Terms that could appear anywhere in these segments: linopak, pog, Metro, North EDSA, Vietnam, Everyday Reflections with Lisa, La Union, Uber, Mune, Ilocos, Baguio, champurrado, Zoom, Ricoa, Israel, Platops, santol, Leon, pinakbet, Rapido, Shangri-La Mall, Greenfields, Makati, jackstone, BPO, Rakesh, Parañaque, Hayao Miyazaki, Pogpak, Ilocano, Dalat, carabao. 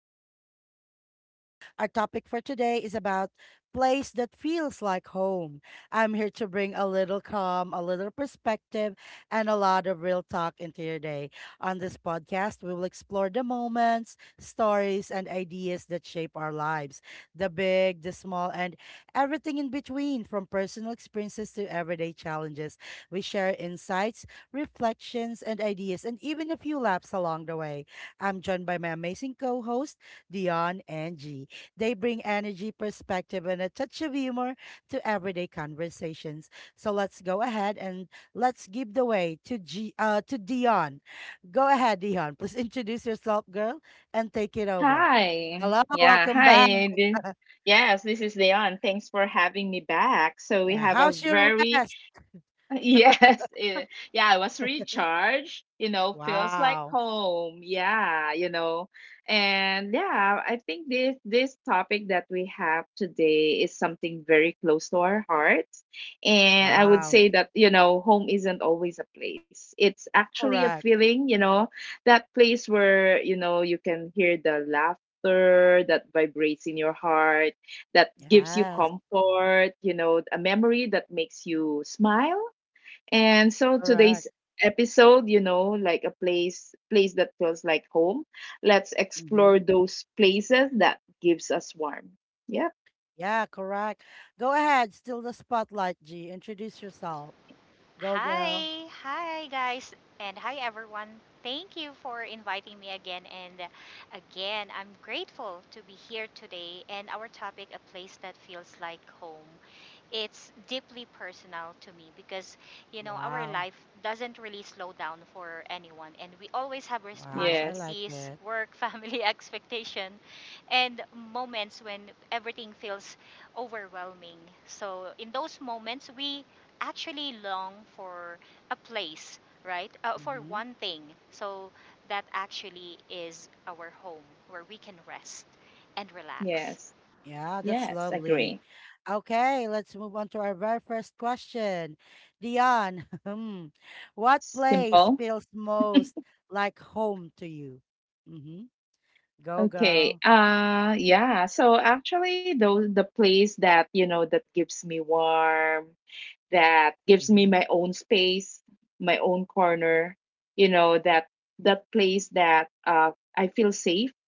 Reflections with Lisa. Our topic for today is about place that feels like home. I'm here to bring a little calm, a little perspective, and a lot of real talk into your day. On this podcast, we will explore the moments, stories, and ideas that shape our lives the big, the small, and everything in between, from personal experiences to everyday challenges. We share insights reflections, and ideas, and even a few laps along the way. I'm joined by my amazing co host, Dion and G. They bring energy, perspective, and a touch of humor to everyday conversations. So let's go ahead and let's give the way to Dion. Go ahead, Dion. Please introduce yourself, girl, and take it over. Hi. Hello, Yeah, welcome back. hi. Yes, this is Leon. Thanks for having me back. So we Yeah, have a how's your very, rest? Yeah, I was recharged, feels like Wow. home. Yeah, And yeah, I think this topic that we have today is something very close to our hearts. And I would Wow. say that, you know, home isn't always a place. It's actually a Correct. feeling, you know, that place where, you know, you can hear the laughter that vibrates in your heart that gives you Yes, comfort, you know, a memory that makes you smile and so correct. today's episode, you know, like a place that feels like home. Let's Mm-hmm. explore those places that gives us warm. Yep. Yeah, correct. Go ahead, still the spotlight, G. Introduce yourself. Go, girl. Hi, hi guys, and hi everyone. Thank you for inviting me again and again. I'm grateful to be here today and our topic a place that feels like home. It's deeply personal to me because you know our Wow. life doesn't really slow down for anyone, and we always have Wow, I Yes. like responsibilities, it. work, family expectation and moments when everything feels overwhelming. So in those moments we actually long for a place, right? For Mm-hmm. one thing. So that actually is our home where we can rest and relax. Yes. Yeah, that's Yes, lovely. agree. Okay, let's move on to our very first question. Dion, hmm, what place Simple. feels most like home to you? Mm-hmm. Go, Okay. girl. Yeah, so actually those the place that, that gives me warm, that gives me Mm-hmm. my own space, my own corner, you know, that that place that I feel safe,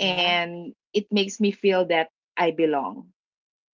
Yeah. and it makes me feel that I belong.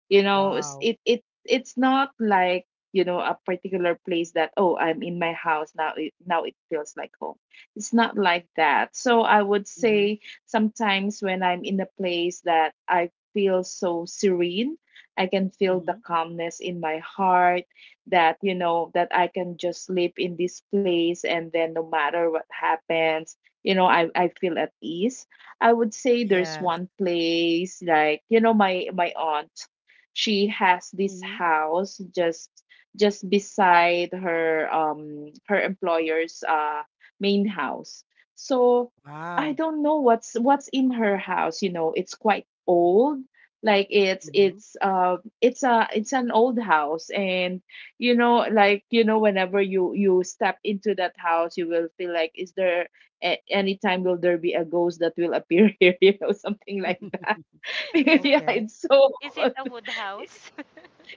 Wow. It's not like, you know, a particular place that, oh, I'm in my house now, now it feels like home. It's not like that. So I would Mm-hmm. say sometimes when I'm in a place that I feel so serene, I can feel the Mm-hmm. calmness in my heart, that, you know, that I can just sleep in this place, and then no matter what happens, I feel at ease. I would say there's Yes. one place, like, you know, my aunt, she has this Mm-hmm. house, just beside her her employer's main house. So I Wow. don't know what's in her house, you know, it's quite old. Like it's Mm-hmm. it's uh it's a it's an old house. And you know, like, you know, whenever you step into that house, you will feel like, is there, at any time, will there be a ghost that will appear here, you know, something like that. Is it Yeah, Okay. it's so— is it a wood house?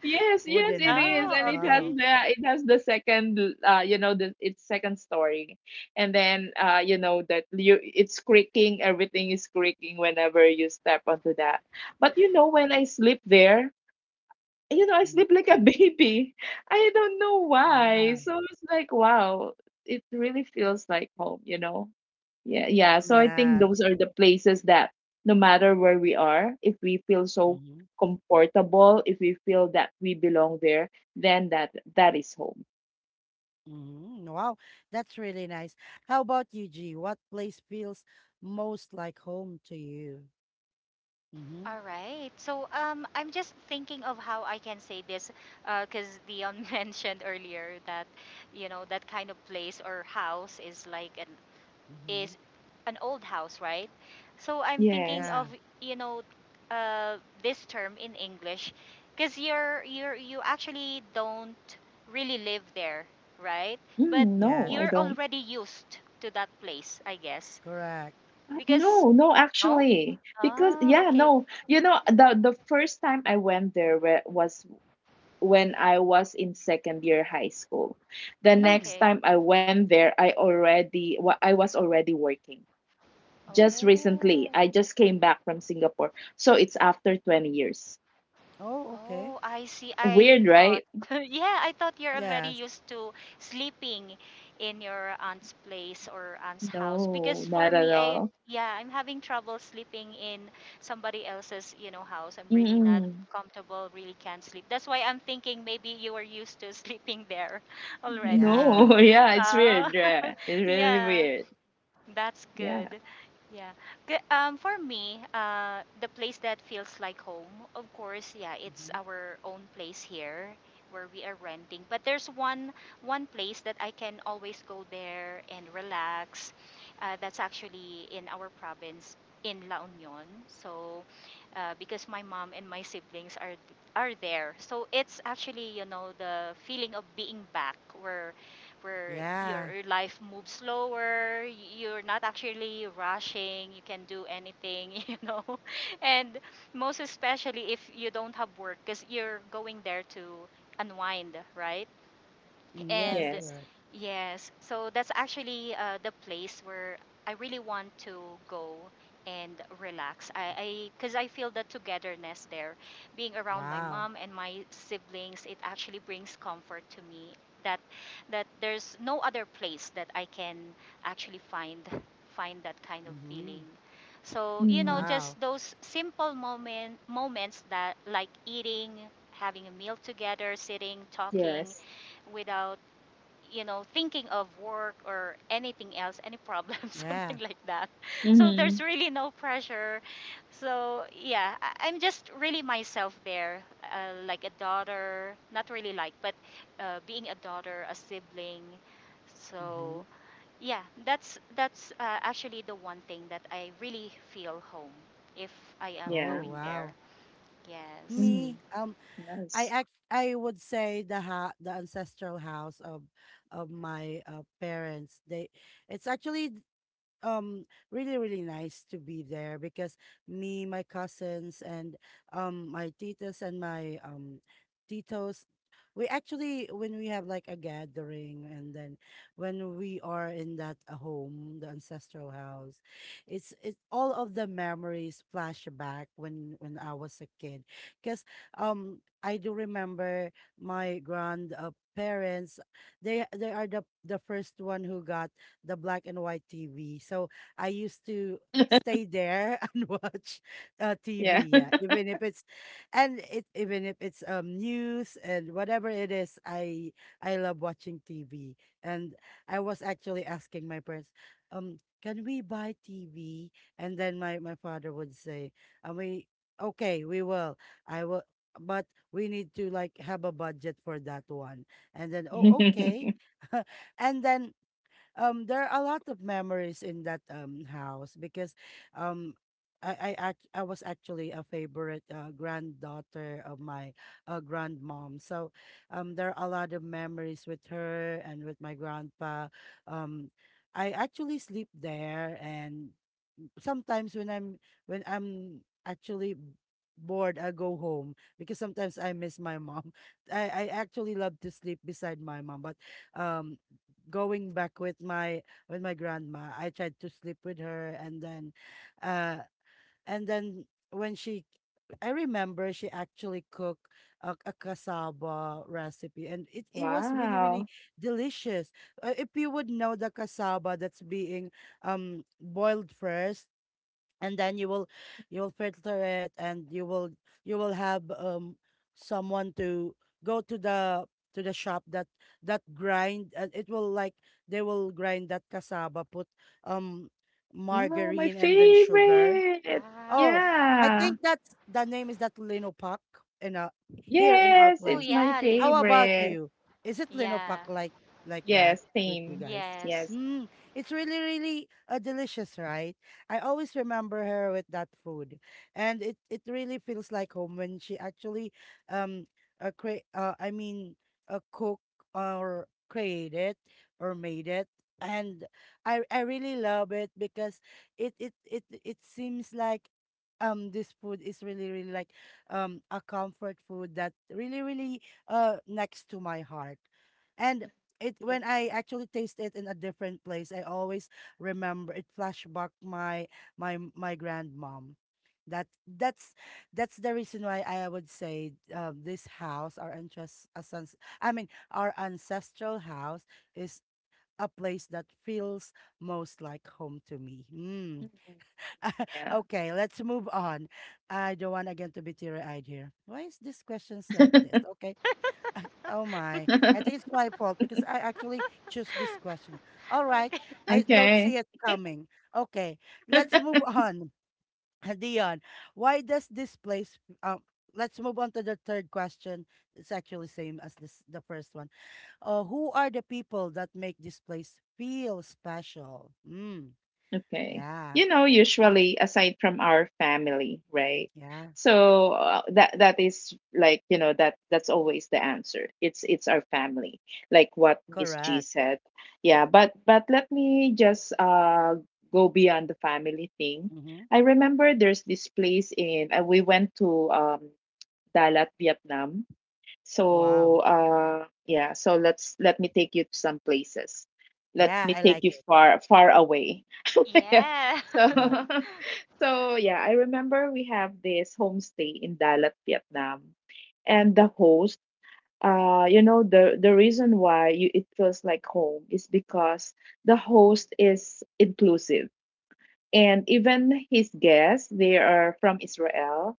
Yes, yes, Wooden it is, house. Oh, and it has Oh. okay. the— it has the second, you know, the— its second story, and then you know that you— it's creaking, everything is creaking whenever you step onto that. But you know, when I sleep there, you know, I Mhm. sleep like a baby. I don't know why. Yeah. So it's like, wow, it really feels like home, you know? Yeah, yeah. So I think those Yes. are the places that no matter where we are, if we feel so Mhm. comfortable, if we feel that we belong there, then that that is home. Mhm. Wow, that's really nice. How about you, G? What place feels most like home to you? Mhm. All right. So I'm just thinking of how I can say this, because Dion mentioned earlier that, you know, that kind of place or house is like Mhm. is an old house, right? So I'm thinking Yes. of Yeah. you know uh, this term in English, because you actually don't really live there, right? But Mm, no, Yes. I you're don't. already used to that place, I guess, Correct. I- because No, no, no. actually, because Ah, yeah, okay, no, you know, the first time I went there was when I was in second year high school. The Mm. next okay. time I went there, I already I was already working. Just recently, Oh. I just came back from Singapore. So it's after 20 years. Oh, okay. Oh, I see. I Weird, thought, right? yeah, I thought you're already Yes. used to sleeping in your aunt's place or aunt's house. No, Because for not at me, all. yeah, I'm having trouble sleeping in somebody else's, you know, house. I'm really not Mm-mm. comfortable, really can't sleep. That's why I'm thinking maybe you were used to sleeping there already. Yeah. No, yeah, it's weird. Ah, Yeah, it's really yeah. weird. That's Yeah. good. Yeah. For me, the place that feels like home, of course, yeah, it's Mhm. our own place here where we are renting. But there's one place that I can always go there and relax. That's actually in our province in La Union. So, because my mom and my siblings are there, so it's actually you know the feeling of being back where where Yeah. Your life moves slower, you're not actually rushing, you can do anything, you know. And most especially if you don't have work because you're going there to unwind, right? Mm, And yes, Yes. correct. yes, so that's actually the place where I really want to go and relax. 'Cause I feel the togetherness there, being around my Wow. mom and my siblings, it actually brings comfort to me. That that there's no other place that I can actually find that kind of feeling. Mhm. So you know, Mm, Wow. just those simple moments that like eating, having a meal together, sitting, talking, yes. without you know, thinking of work or anything else, any problem, something Yeah. like that. So Mm-hmm. there's really no pressure. So yeah, I'm just really myself there, like a daughter, not really like, but being a daughter, a sibling. Mhm. So yeah, that's actually the one thing that I really feel home if I am Yeah. Oh, going there. wow. Yes. Me, Mm, um, I nice. act I would say the ha the ancestral house of my parents. They It's actually um really really nice to be there because me my cousins and my titas and my titos, we actually when we have like a gathering and then when we are in that home the ancestral house, it's all of the memories flash back when I was a kid, because I do remember my grand, parents. They are the first one who got the black and white TV. So I used to stay there and watch TV. Yeah. Yeah, even if it's and it even if it's news and whatever it is, I love watching TV. And I was actually asking my parents, can we buy TV? And then my father would say, and we okay, we will. I will. But we need to like have a budget for that one. And then, oh, okay. And then there are a lot of memories in that house, because um I was actually a favorite, granddaughter of my grandmom. So there are a lot of memories with her and with my grandpa. Um I actually sleep there, and sometimes when I'm actually bored, I go home because sometimes I miss my mom. I actually love to sleep beside my mom, but um going back with my grandma, I tried to sleep with her, and then uh and then when she I remember she actually cooked a cassava recipe, and it was really really Wow. delicious. If you would know, the cassava that's being boiled first, and then you will filter it, and you will have someone to go to the shop that grind, and it will like, they will grind that cassava, put um Oh, my margarine and then sugar. favorite. Oh, Wow. I Yeah. think that's the name, is that Linopak in a here in our Yes, Oh it's place. my yeah, How Linopa. about favorite. you? Is it Linopak Yeah. like that Yes, with you same. guys? Yes. Yes. Mm, it's really really delicious, right? I always remember her with that food, and it really feels like home when she actually um uh, cre- uh I mean cook, or create it, or made it. And I really love it because it seems like this food is really really like a comfort food that really really next to my heart, and it when Yeah. I actually taste it in a different place, I always remember it, flashback my my grandmom. That that's that's the reason why I would say, this house our ancest- ascens- I mean our ancestral house is a place that feels most like home to me. Mm. Mhm. Yeah. Okay, let's move on. I don't want again to be teary-eyed here. Why is this questions like this? Okay. Oh my. I think it's my fault because I actually choose this question. All right. Okay. I don't Okay. see it coming. Okay. Let's move on. Dion, why does this place let's move on to the third question. It's actually same as this the first one. Who are the people that make this place feel special? Mm, Okay. yeah. You know, usually aside from our family, right? Yeah. So that that is like, you know, that that's always the answer. It's our family, like what Miss G Correct. said. Yeah, but let me just go beyond the family thing. Mm-hmm. I remember there's this place in we went to Dalat, Vietnam. Wow. So so let's— let me take you to some places. Let Yeah, me I take like you it. far far away. yeah. Yeah. So Yeah. so yeah, I remember we have this homestay in Dalat, Vietnam. And the host, you know, the reason why you it feels like home is because the host is inclusive, and even his guests, they are from Israel.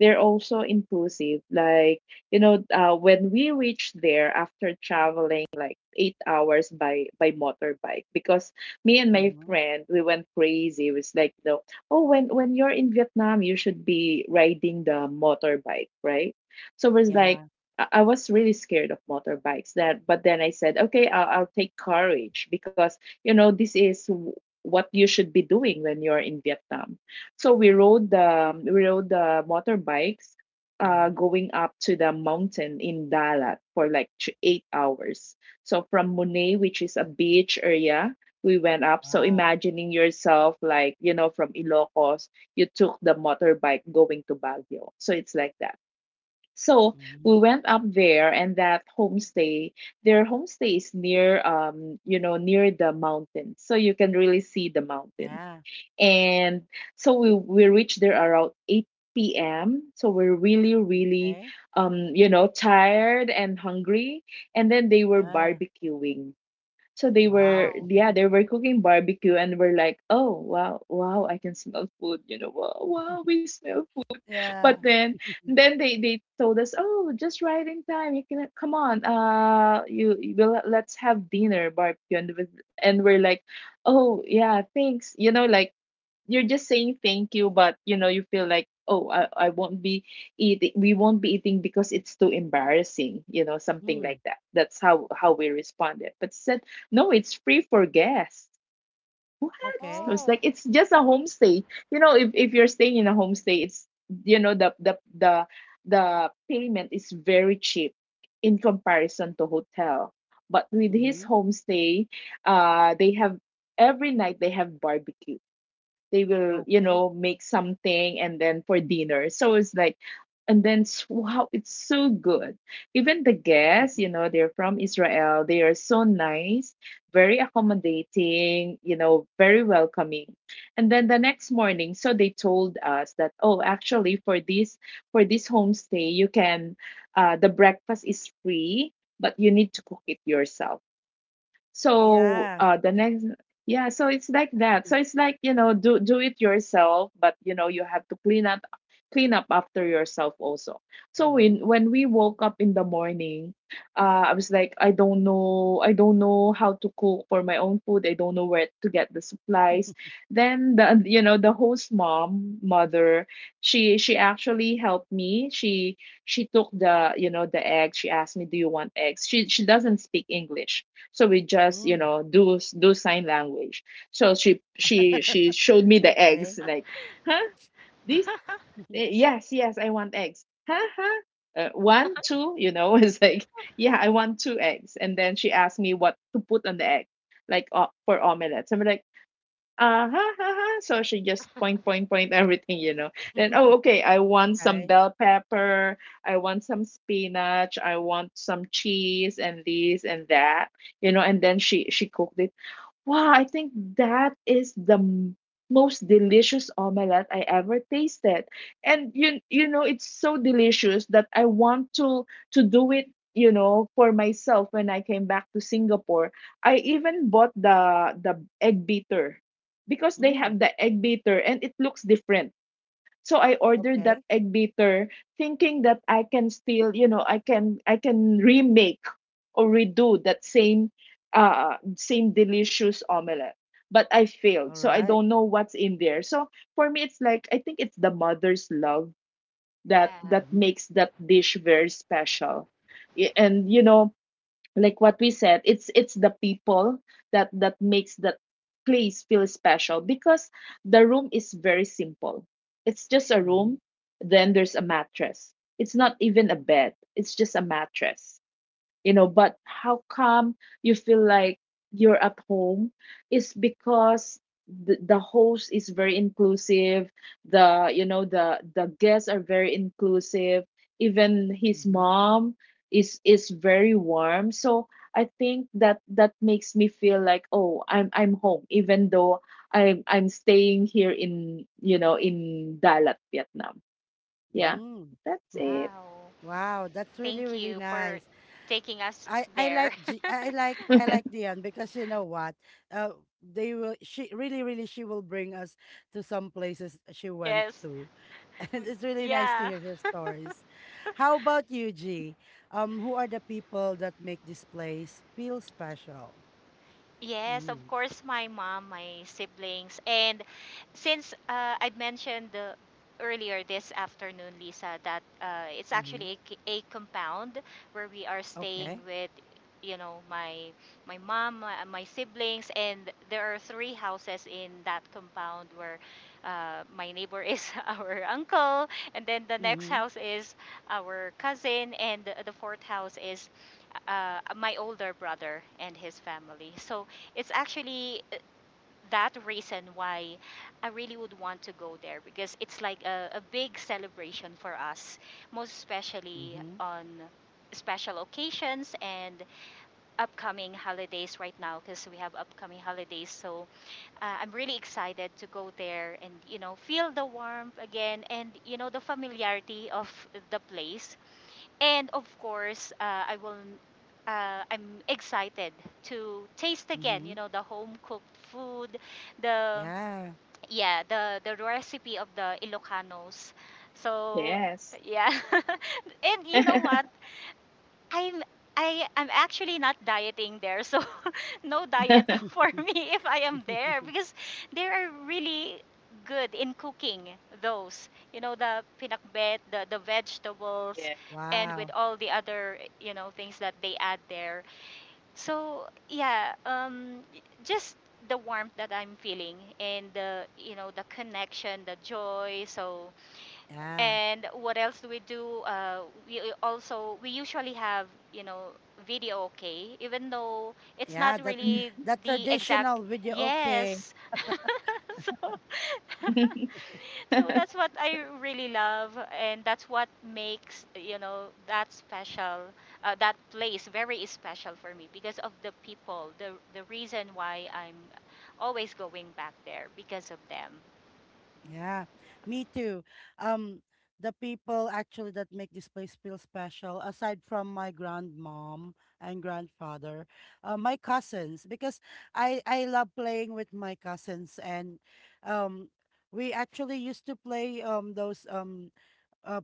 They're also inclusive. Like, you know, when we reached there after traveling like 8 hours by motorbike, because me and my Mm-hmm. friend, we went crazy. It was like— the— oh, when you're in Vietnam, you should be riding the motorbike, right? So it was like, Yeah. I was really scared of motorbikes, that— but then I said, okay, I'll take courage, because you know this is what you should be doing when you're in Vietnam. So we rode the— we rode the motorbikes, Mm-hmm. going up to the mountain in Dalat for like 8 hours. So from Mune, which is a beach area, we went up. So Wow. imagining yourself, like, you know, from Ilocos, you took the motorbike going to Baguio. So it's like that. So Mm-hmm. we went up there and that homestay, their homestay is near you know, near the mountain. So you can really see the mountain. Yeah. And so we reached there around 8 p.m. So we're really, really Okay. You know, tired and hungry. And then they were Yeah. barbecuing. So they Wow. were— Wow. yeah, they were cooking barbecue, and we're like, oh wow, wow, I can smell food, you know, wow, wow, we smell— but Yeah. then then they told us, oh, just right in time, you can come on, you— you will— let's have dinner, barbecue, and we're like, oh yeah, thanks, you know, like you're just saying thank you, but you know you feel like, I won't be eating, we won't be eating, because it's too embarrassing, you know, something Mm. like that, that's how we responded. But said, no, it's free for guests. What? I Okay. was like, Oh, it's just a homestay. You know, if you're staying in a homestay, it's— you know the the payment is very cheap in comparison to hotel. But with Mm-hmm. his homestay, they have— every night they have barbecue, they will, you Okay. know, make something, and then for dinner, so it's like, and then wow, it's so good. Even the guests, you know, they're from Israel, they are so nice, very accommodating, you know, very welcoming. And then the next morning, so they told us that, oh, actually for this— for this homestay, you can— the breakfast is free, but you need to cook it yourself. So Yeah. Yeah, so it's like that. So it's like, you know, do do it yourself, but you know, you have to clean up— clean up after yourself also. So Mm-hmm. When we woke up in the morning, I was like, I don't know how to cook for my own food. I don't know where to get the supplies. Then the, you know, the host mom— mother, she actually helped me. She— she took the, you know, the egg. She asked me, do you want eggs? She— she doesn't speak English, so we just, you Mm. know, do do sign language. So she showed me the Okay. eggs, like, huh? This? Eh, yes, yes, I want eggs. Huh? Huh? One, two, you know, it's like, yeah, I want two eggs. And then she asked me what to put on the egg, like for omelette. So I'm like, uh-huh, uh-huh. So she just point, point, point everything, you know. Then, oh, okay, I want some Okay. bell pepper, I want some spinach, I want some cheese and this and that, you know, and then she cooked it. Wow, I think that is the most delicious omelette I ever tasted. And you— you know it's so delicious that I want to— to do it, you know, for myself when I came back to Singapore. I even bought the egg beater, because they have Mm. the egg beater and it looks different, so I ordered that Okay. egg beater, thinking that I can still, you know, I can remake or redo that same same delicious omelette, but I failed. All So I right. don't know what's in there. So for me it's like, I think it's the mother's love that yeah. that Mm-hmm. makes that dish very special. And you know, like what we said, it's the people that that makes that place feel special, because the room is very simple, it's just a room, Mm-hmm. then there's a mattress, it's not even a bed, it's just a mattress. You know, but how come you feel like you're at home is because the host is very inclusive, the, you know, the guests are very inclusive, even his Mm-hmm. mom is very warm. So I think that that makes me feel like, oh, I'm home, even though I'm staying here in, you know, in Dalat, Vietnam. Yeah, Mm. that's it. Wow. Wow, that's really, Thank really you for nice. taking us I there. like G- I like Dion, because you know what? They will. She really, really, she will bring us to some places she went Yes. to, and w- it's really nice to Yeah. hear your stories. How about you, G? Who are the people that make this place feel special? Yes, of Mm, course, my mom, my siblings. And since I mentioned earlier this afternoon, Lisa, that it's mm-hmm. actually a, a compound where we are staying Okay. with, you know, my mom, my siblings, and there are three houses in that compound where my neighbor is our uncle, and then the next Mm-hmm. house is our cousin, and the fourth house is my older brother and his family. So it's actually that reason why I really would want to go there because it's like a big celebration for us, most especially Mm-hmm. on special occasions and upcoming holidays right now because we have upcoming holidays. So I'm really excited to go there and you know feel the warmth again and you know the familiarity of the place, and of course, I will. I'm excited to taste again. You Mm-hmm. know the home cooked food, the Yeah. yeah the recipe of the Ilocanos. So Yes. yeah, and you know what? I'm I I'm actually not dieting there, so no diet Yeah. for me if I am there because they are really good in cooking those. You know the pinakbet, the vegetables, and with Wow. all the other you know things that they add there. So yeah, just the warmth that I'm feeling and the you know the connection, the joy. So Yeah. and what else do? We also we usually have you know video okay, even though it's Yeah. not That Mhm. really that the exact traditional video. Okay. yes. So so that's what I really love, and that's what makes you know that special, that place very special for me because of the people. The reason why I'm always going back there because of them. Yeah, me too. Um, the people actually that make this place feel special, aside from my grandmom and grandfather, my cousins, because I love playing with my cousins, and um, we actually used to play those uh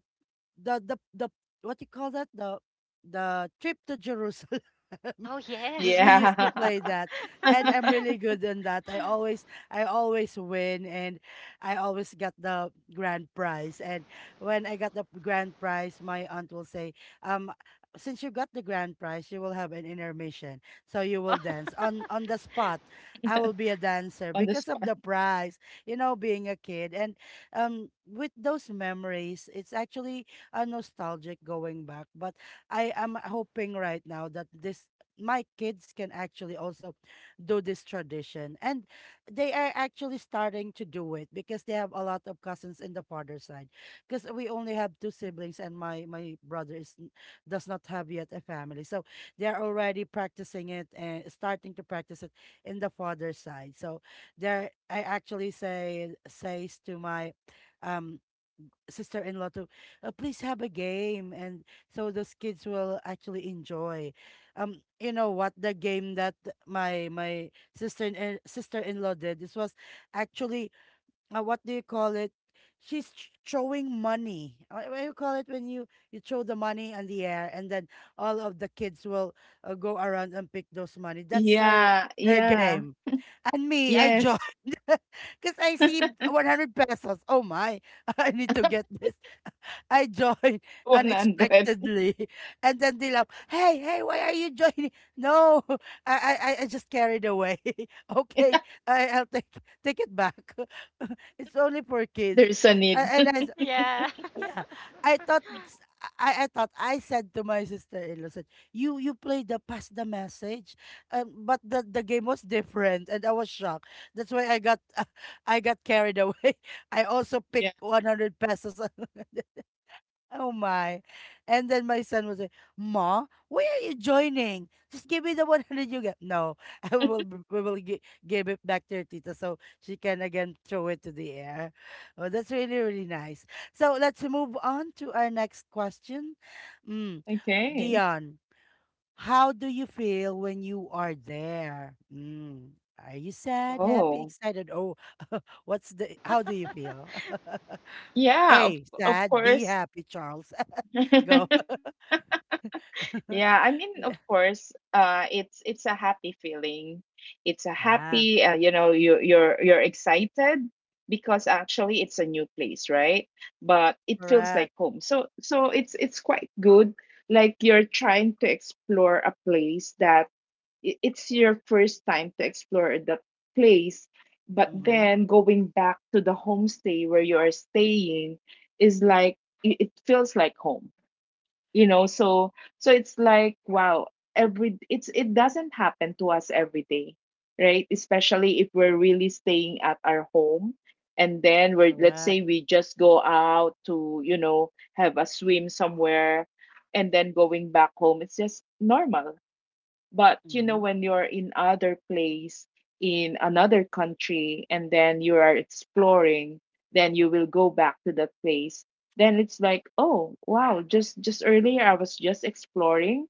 the what you call that, the trip to Jerusalem. Oh we, yes. we used to Yeah. play that, and I'm really good in that. I always win, and I always get the grand prize, and when I got the grand prize, my aunt will say, um since you got the grand prize, you will have an intermission, so you Oh. will dance on the spot. I will be a dancer On the because of spot. the prize. Being a kid, and with those memories, it's actually a nostalgic going back. But I am hoping right now that this my kids can actually also do this tradition. And they are actually starting to do it because they have a lot of cousins in the father side. Because we only have two siblings, and my brother is does not have yet a family. So they are already practicing it and starting to practice it in the father side. So there, I actually say says to my um sister-in-law to, please have a game, and so those kids will actually enjoy. You know what, the game that my sister-in-law did, this was actually, what do you call it, she's throwing money. What do you call it, when you throw the money in the air, and then all of the kids will, go around and pick those money. That's her Yeah, her yeah. game. And me, I Yes, joined, because I see 100 pesos. Oh my. I need to get this. I joined 100. unexpectedly. And then they laugh, hey, hey, why are you joining? No, I just carried away. Okay, I'll take it back. It's only for kids. There's a A- need. And Yeah. yeah, I thought, s- I thought I said to my sister-in-law, said, you played the pass the message, but the game was different, and I was shocked. That's why I got I got carried away. I also picked Yeah. 100 pesos. Oh my. And then my son was like, Ma, why are you joining? Just give me the 100 you get. No, we will give it back to your tita, so she can again throw it to the air. Oh, that's really, really nice. So let's move on to our next question. Mm. Okay. Dion, how do you feel when you are there? Mm. Are you sad, happy, Oh. excited? Oh, how do you feel? Yeah, of, A, of sad. B, course. happy, Charles. Go. Yeah, I mean, of course, it's a happy feeling. It's a happy, Yeah, you're excited because actually it's a new place, right? But it feels like correct. home. So it's quite good. Like you're trying to explore a place that it's your first time to explore the place, but Mm-hmm. then going back to the homestay where you are staying is like it feels like home you know so so it's like, wow, every it's it doesn't happen to us every day, right? Especially if we're really staying at our home, and then we're let's Correct. say we just go out to have a swim somewhere, and then going back home it's just normal. But Mm-hmm. when you're in other place, in another country, and then you are exploring, then you will go back to that place. Then it's like, oh, wow, just earlier I was just exploring,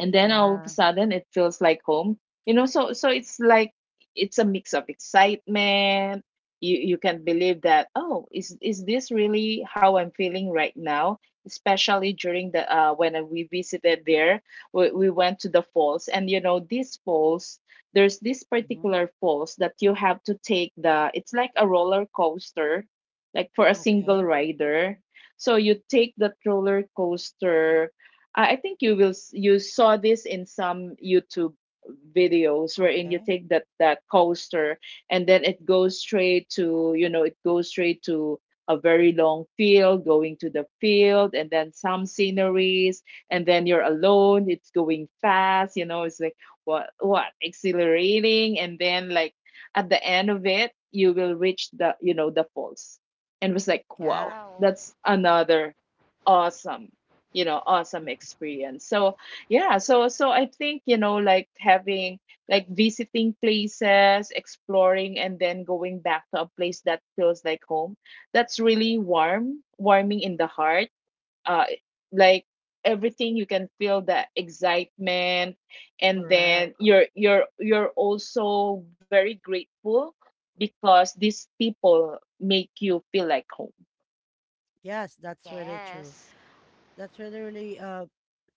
and then all of a Yeah. sudden it feels like home. So it's like it's a mix of excitement. You can believe that, oh, is this really how I'm feeling right now, especially during the when we visited there. We went to the falls, and you know these falls, there's this Mm-hmm. particular falls that you have to take, the it's like a roller coaster, like for a single Okay. rider. So you take the roller coaster. I think you saw this in some YouTube videos, wherein you Okay. take that coaster, and then it goes straight to a very long field, going to the field, and then some sceneries. And then you're alone, it's going fast, it's like, what, exhilarating. And then, like, at the end of it you will reach the you know the falls, and it was like, Yeah, wow, Wow. that's another awesome you know awesome experience. So yeah, so I think, like having like visiting places, exploring, and then going back to a place that feels like home, that's really warming in the heart. uh like, everything, you can feel the excitement, and correct. then you're also very grateful because these people make you feel like home. Yes, that's really true. Yes. That's really, really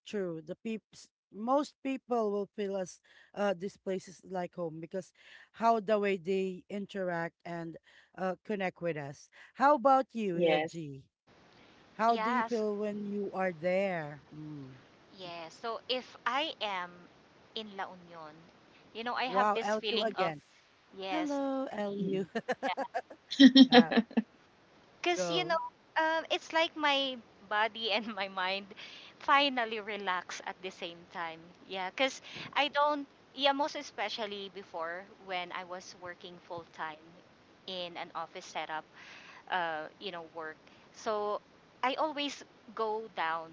true. The peeps most people will feel as this place is like home, because how the way they interact and connect with us. How about you, Yes. G? How do you Yes. feel when you are there? Mm. Yes. So if I am in La Union, you know, I have Wow, this LU feeling of again. yes. Hello, LU. Yeah. Yeah, Cuz you go. know, it's like my body and my mind finally relax at the same time. Yeah, cuz I don't yeah, most especially before when I was working full time in an office setup. Uh, you know, work. So I always go down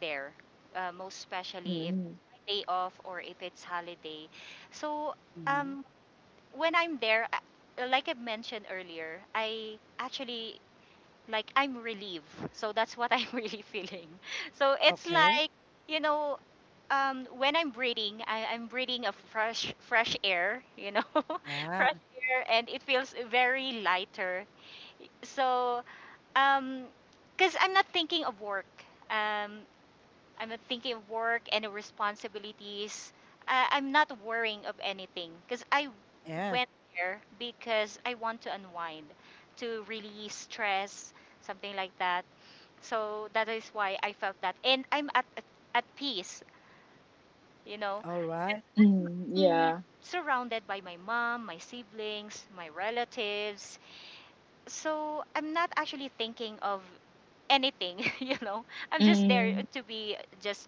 there, most especially if Mm. day off or if it's holiday. So Mm-hmm. um, when I'm there, like I mentioned earlier, I actually like I'm relieved. So that's what I'm really feeling. So it's Okay. like you know. When I'm breathing, I'm breathing a fresh, fresh air, you know, fresh Yeah. air, and it feels very lighter. So um, because I'm not thinking of work. Um, I'm not thinking of work and the responsibilities. I'm not worrying of anything because I Yes. went there because I want to unwind, to release stress, something like that. So that is why I felt that, and at peace. You know, All 'Cause right. Mm, I'm yeah. surrounded by my mom, my siblings, my relatives. So I'm not actually thinking of anything, you know. I'm just there Mm, to be just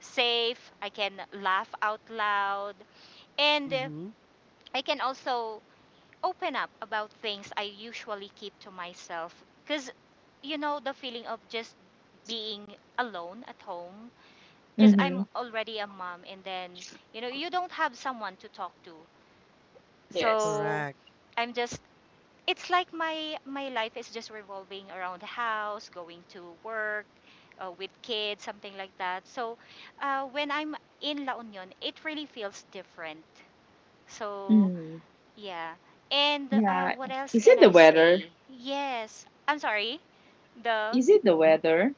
safe. I can laugh out loud and Mm-hmm. I can also open up about things I usually keep to myself cuz you know the feeling of just being alone at home because I'm mhm. already a mom and then you know you don't have someone to talk to. Yes. So Correct. I'm just it's like my life is just revolving around the house, going to work, with kids, something like that. So when I'm in La Union, it really feels different. So Mm, yeah. And yeah. what else Is can it the I weather? say? Yes, I'm sorry. The Is it the Mm-hmm. weather?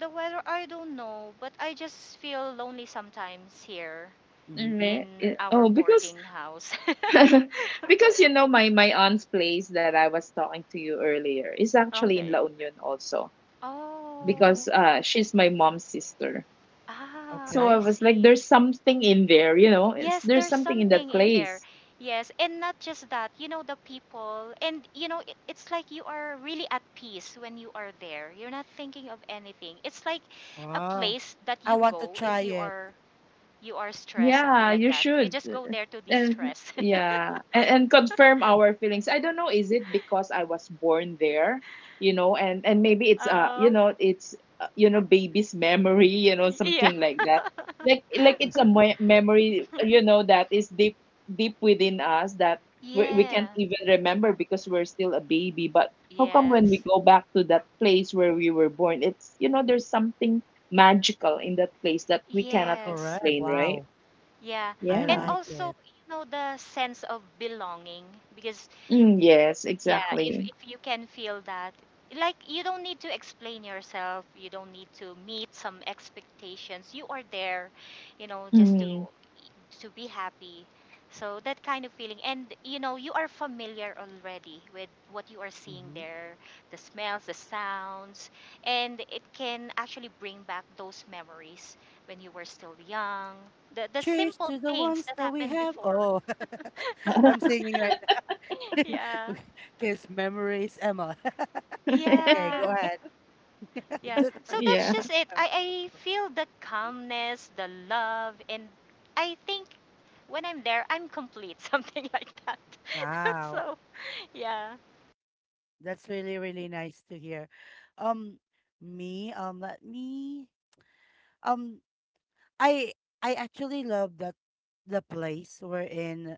the weather I don't know, but I just feel lonely sometimes here Mm-hmm. in our Oh, because boarding house. because my aunt's place that I was talking to you earlier is actually in La Union also, Mm-hmm. Oh, because she's my mom's sister. ah, So Okay. I I was like, see. there's something in there. Yes, There's there's something in that something in there. place. Yes, and not just that, you know, the people, and you know, it's like you are really at peace when you are there. You're not thinking of anything. It's like a Wow. place that I you want to go try if it. You are stressed, something Yeah, like you that. You should. just go there to And de-stress. yeah, and confirm our feelings. I don't know, is it because I was born there, and maybe it's uh, you Uh, know, it's uh, you know, baby's memory, yeah. something like that. Like it's a me memory, that is deep within us, that we can't Yeah. even remember because we're still a baby. But how come when Yes. we go back to that place where we were born, there's something magical in that place that we cannot Yes. Correct. explain, right? Wow. Yeah. I And Yeah. like it. also, you know, the sense of belonging because Mm, yes, yeah, exactly. if you can feel that, like you don't need to explain yourself, you don't need to meet some expectations, you are there, you know, just Mm. to be happy. So that kind of feeling, and you know you are familiar already with what you are seeing Hmm. there, the smells, the sounds, and it can actually bring back those memories when you were still young, the Cheers simple to the things ones that that we happened have. before. Oh, I'm singing right now. Yeah, Because memories, Emma. Okay, go yeah. ahead. Yeah. just, I So just that's Yeah. just it. remembered I myself. feel the calmness, the love, and I think when I'm there, I'm complete, something like that. Wow. So, yeah. That's really, really nice to hear. Um, me, um, let me, um, I I actually love that the place we're in.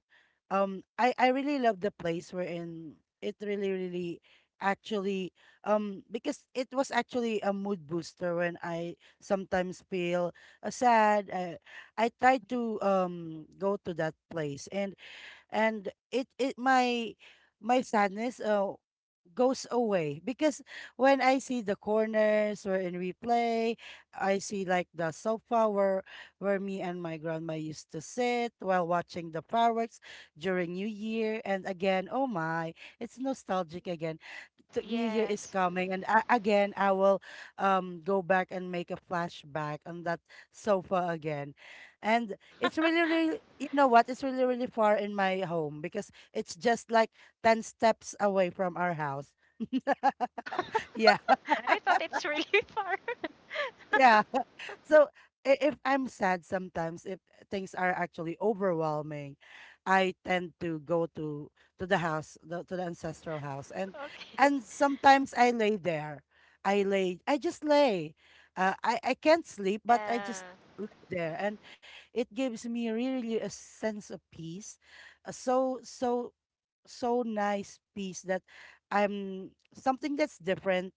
I really love the place we're in. It really really actually because it was actually a mood booster when I sometimes feel sad. I try to go to that place, and it my sadness, goes away because when I see the corners wherein we play, I see like the sofa where me and my grandma used to sit while watching the fireworks during New Year. And again, oh my, it's nostalgic again. The New Year is Yes. coming, and again I will go back and make a flashback on that sofa again. And Uh, it's really, really, you know what? It's really, really far in my home because it's just like 10 steps away from our house. oh, Yeah, I thought it's really far. yeah. So if I'm sad sometimes, if things are actually overwhelming, I tend to go to the house, the ancestral house, and Okay. and sometimes I lay there. I lay. I just lay. I can't sleep, but I just Yeah. lay there, and it gives me really a sense of peace. Uh, so so so nice piece that I'm something that's different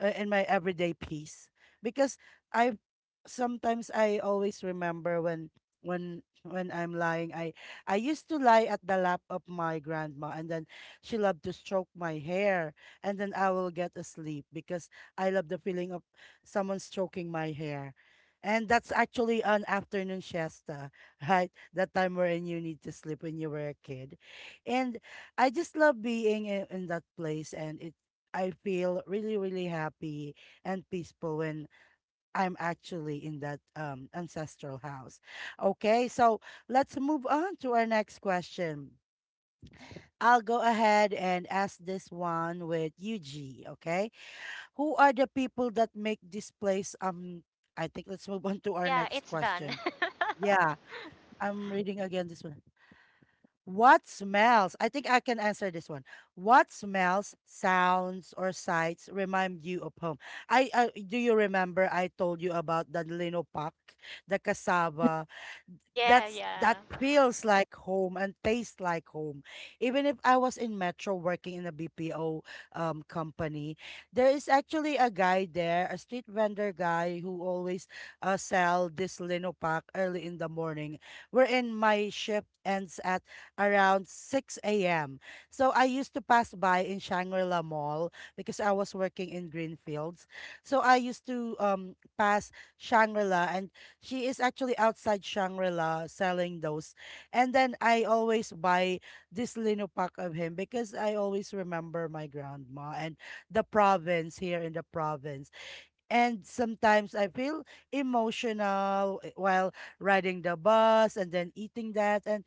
in my everyday piece because I sometimes I always remember when when I'm lying. I used to lie at the lap of my grandma, and then she loved to stroke my hair, and then I will get asleep because I love the feeling of someone stroking my hair. And that's actually an afternoon siesta, right? That time wherein you need to sleep when you were a kid. And I just love being in that place, and it I feel really really happy and peaceful when I'm actually in that ancestral house. Okay, so let's move on to our next question. I'll go ahead and ask this one with UG, okay? Who are the people that make this place I think let's move on to our Yeah, next it's done. question. Yeah, I'm reading again this one. What smells? I think I can answer this one. What smells, sounds, or sights remind you of home? I Do you remember I told you about the linopak, the cassava, Yeah, that yeah. feels like home and tastes like home. Even if I was in Metro working in a BPO company, there is actually a guy there, a street vendor guy who always sell this linopak early in the morning. Wherein my shift ends at around 6 a.m. So I used to pass by in Shangri-La Mall because I was working in Greenfields. So I used to pass Shangri-La, and she is actually outside Shangri-La selling those. And then I always buy this lino pack of him because I always remember my grandma and the province, here in the province. And sometimes I feel emotional while riding the bus and then eating that. And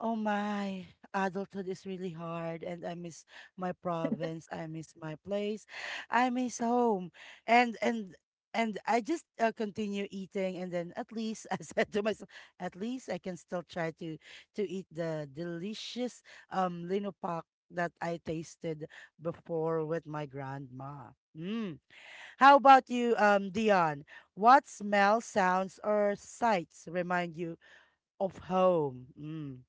oh my, adulthood is really hard, and I miss my province. I miss my place. I miss home, and and and I just continue eating, and then at least I said to myself, at least I can still try to eat the delicious linopak that I tasted before with my grandma. Mm. How about you, Dion? What smell, sounds, or sights remind you of home? Mm.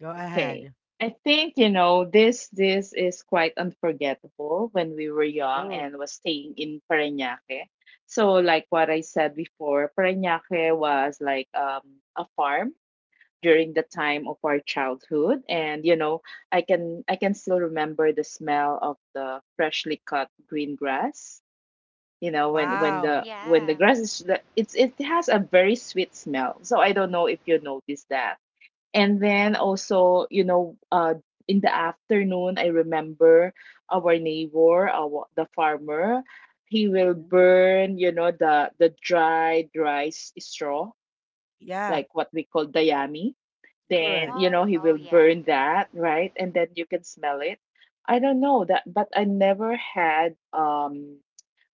Go Okay. ahead. I think, this is quite unforgettable when we were young Oh, and was staying in Parañaque. So like what I said before, Parañaque was like a farm during the time of our childhood. And I can still remember the smell of the freshly cut green grass. When when wow. the Yeah. when the grass is the- it's it has a very sweet smell, so I don't know if you notice that. And then also, in the afternoon I remember our neighbor, our the farmer, he will Mhm. burn, you know, the dry straw, Yeah, like what we call dayami. Then, correct. Oh, he oh, will yeah. burn that, right? And then you can smell it. I don't know that, but I never had,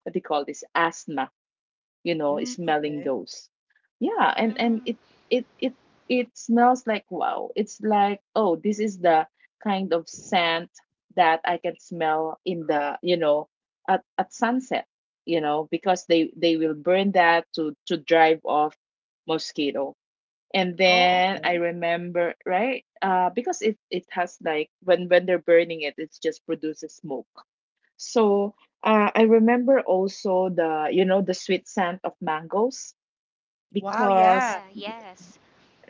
what do you call this, asthma, Mm, smelling okay. those. Yeah. And Mm, it it it smells like, wow, it's like, oh, this is the kind of scent that I can smell in the you know at sunset, because they will burn that to drive off mosquito. And Oh, then I okay. remember, right, because it has, like, when they're burning it, it just produces smoke. So, I remember also the sweet scent of mangoes, Wow, because, yeah. yeah, yes.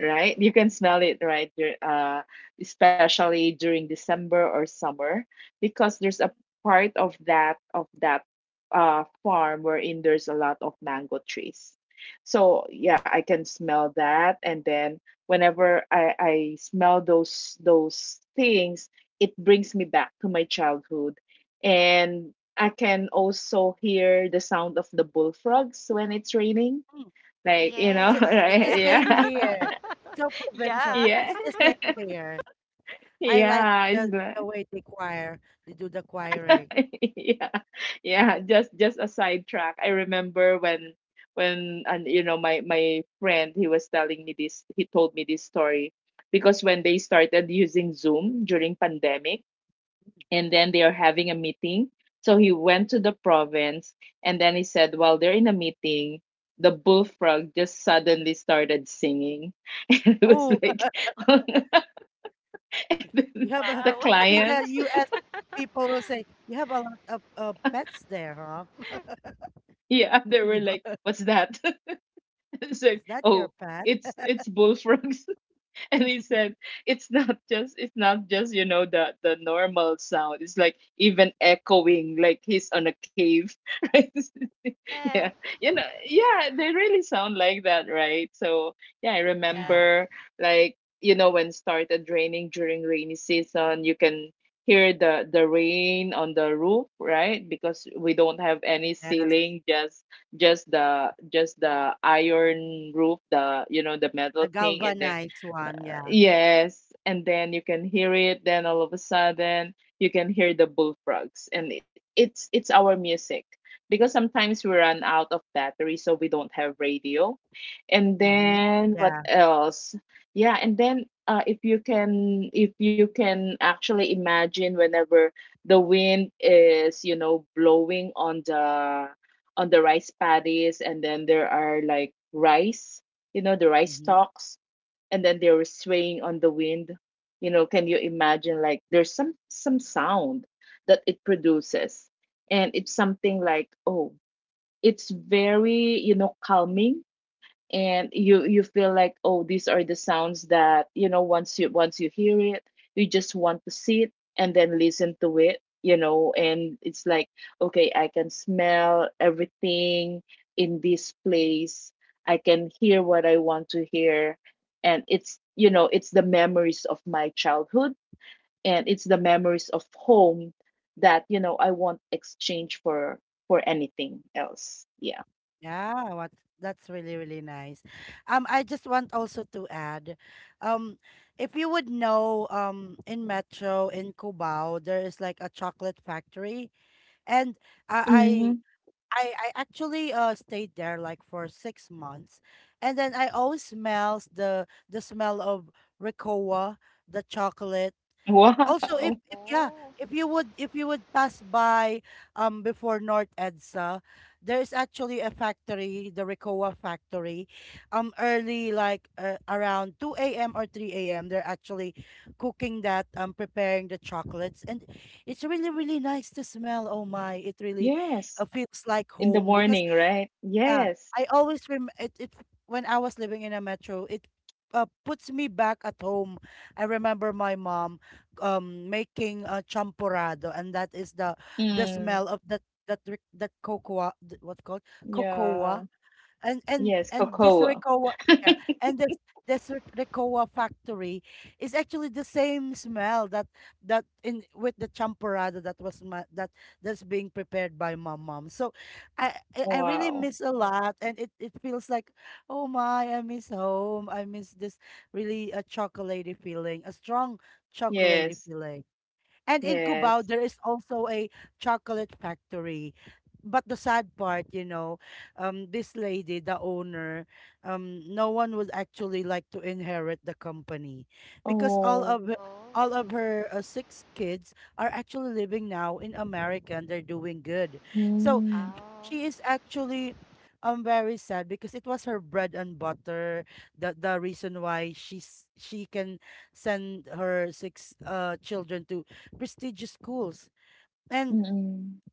right? You can smell it, right? Especially during December or summer, because there's a part of that farm wherein there's a lot of mango trees. So yeah, I can smell that, and then whenever I smell those things, it brings me back to my childhood, and I can also hear the sound of the bullfrogs when it's raining. Mm, Oh, Like, It's, a- yes. it's the Yeah. right? same Yeah. here. It's so provincial. Yeah. Yeah. It's the same here. I like Yeah, is the that? way they choir, they do the choiring. Yeah, Yeah, just a sidetrack. I remember when and you know my friend, he was telling me this he told me this story, because when they started using Zoom during pandemic, and then they are having a meeting, so he went to the province, and then he said, while they're in a meeting, the bullfrog just suddenly started singing, and it was Oh. like, You have a the Wow. Maybe client. the U.S. people will say you have a lot of pets there, huh? Yeah, they were like, "What's that?" It's like, Is that "Oh, your pet? it's bullfrogs." And he said, "It's not just the normal sound. It's like even echoing, like he's on a cave, right?" Yeah, Yeah. Yeah, they really sound like that, right? So yeah, I Yeah. Yeah. remember, like, when started raining during rainy season, you can hear the rain on the roof, right? Because we don't have any Yes. ceiling, just the iron roof, the you know the metal The thing. And then, galvanized one. Yeah. yes, and then you can hear it. Then all of a sudden you can hear the bullfrogs, and it's our music, because sometimes we run out of battery, so we don't have radio. And Mm-hmm. then what Yeah. else? Yeah, and then, if you can, actually imagine whenever the wind is, blowing on the rice paddies, and then there are like the rice Mm-hmm. stalks, and then they were swaying on the wind. Can you imagine, like, there's some sound that it produces. And it's something like, oh, it's very calming, and you feel like, oh, these are the sounds that once you once you hear it, you just want to sit and then listen to it and it's like, okay, I can smell everything in this place, I can hear what I want to hear, and it's you know it's the memories of my childhood, and it's the memories of home that I won't exchange for anything else, yeah. Yeah, what that's really, really nice. I just want also to add, um, if you would know, in Metro in Cubao, there is like a chocolate factory, and I Hmm. I actually stayed there like for 6 months, and then I always smells the smell of Ricoa, the chocolate, also, if, Wow. if yeah, Oh. if you would pass by before North EDSA. There's actually a factory, the Ricoa factory. Early, like, around two a.m. or three a.m., they're actually cooking that, preparing the chocolates, and it's really really nice to smell. Oh my, it really Yes, feels like in the home because morning, right? yeah, Yes. I always rem it when I was living in a metro, it puts me back at home. I remember my mom making a champurrado, and that is the Mm, smell of that cocoa what called cocoa, yeah. and and Yes, and this cocoa. Ricoa, yeah, and this Ricoa factory is actually the same smell that in with the champorado that was that's being prepared by my mom. So I really Wow. miss a lot, and it feels like oh my, I miss home. I miss this really a chocolatey feeling, a strong chocolatey Yes. feeling. And in Cubao, Yes. there is also a chocolate factory. But the sad part, this lady, the owner, no one would actually like to inherit the company because Oh. Oh. all of her six kids are actually living now in America, and they're doing good. So Mm, Oh. she is actually very sad because it was her bread and butter, the reason why she can send her six children to prestigious schools, and mm-mm.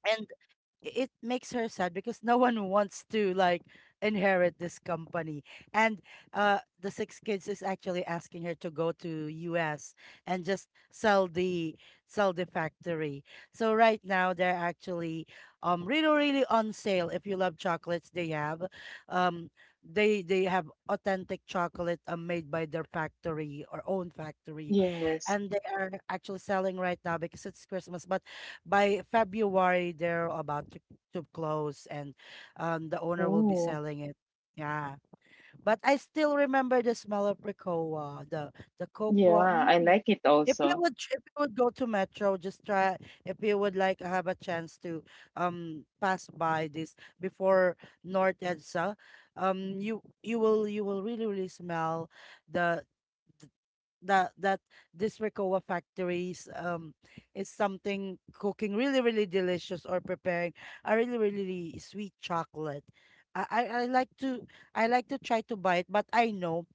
it makes her sad because no one wants to like inherit this company. And the six kids is actually asking her to go to US and just sell the factory. So right now, they're actually really really on sale. If you love chocolates, they have um they have authentic chocolate made by their factory or own factory, Yes. and they are actually selling right now because it's Christmas, but by February they're about to close, and the owner will be Oh. selling it. Yeah. But I still remember the smell of Ricoa, the cocoa. Yeah, I Mm. like it If you also. would tr- if you would go to Metro, just try if you would like have a chance to pass by this before North Edsa. You will really really smell the that that this Ricoa factories is something cooking really really delicious, or preparing a really really sweet chocolate. I, I I like to I like to try to buy it, but I know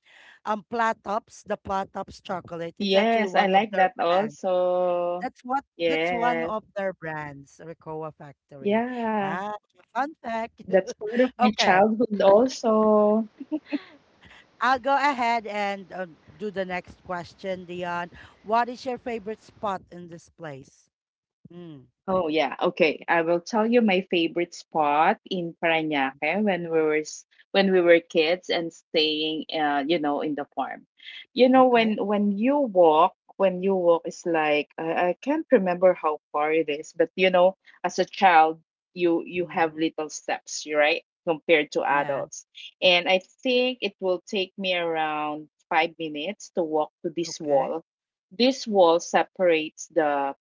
Platops, the Platops chocolate, it's actually Yes, I one of like their that brands. also. That's what that's one Yes. of their brands, Ricoa Factory. Yeah. Ah, fun fact. That's part of my Okay. childhood also. I'll go ahead and do the next question, Dion. What is your favorite spot in this place? Mm, Oh yeah, okay. I will tell you my favorite spot in Parañaque when when we were kids and staying, in the farm. Okay. when you walk, it's like, I can't remember how far it is, but as a child, you have Mm-hmm. little steps, you're right, compared to Yeah. adults. And I think it will take me around 5 minutes to walk to this Okay. wall. This wall separates the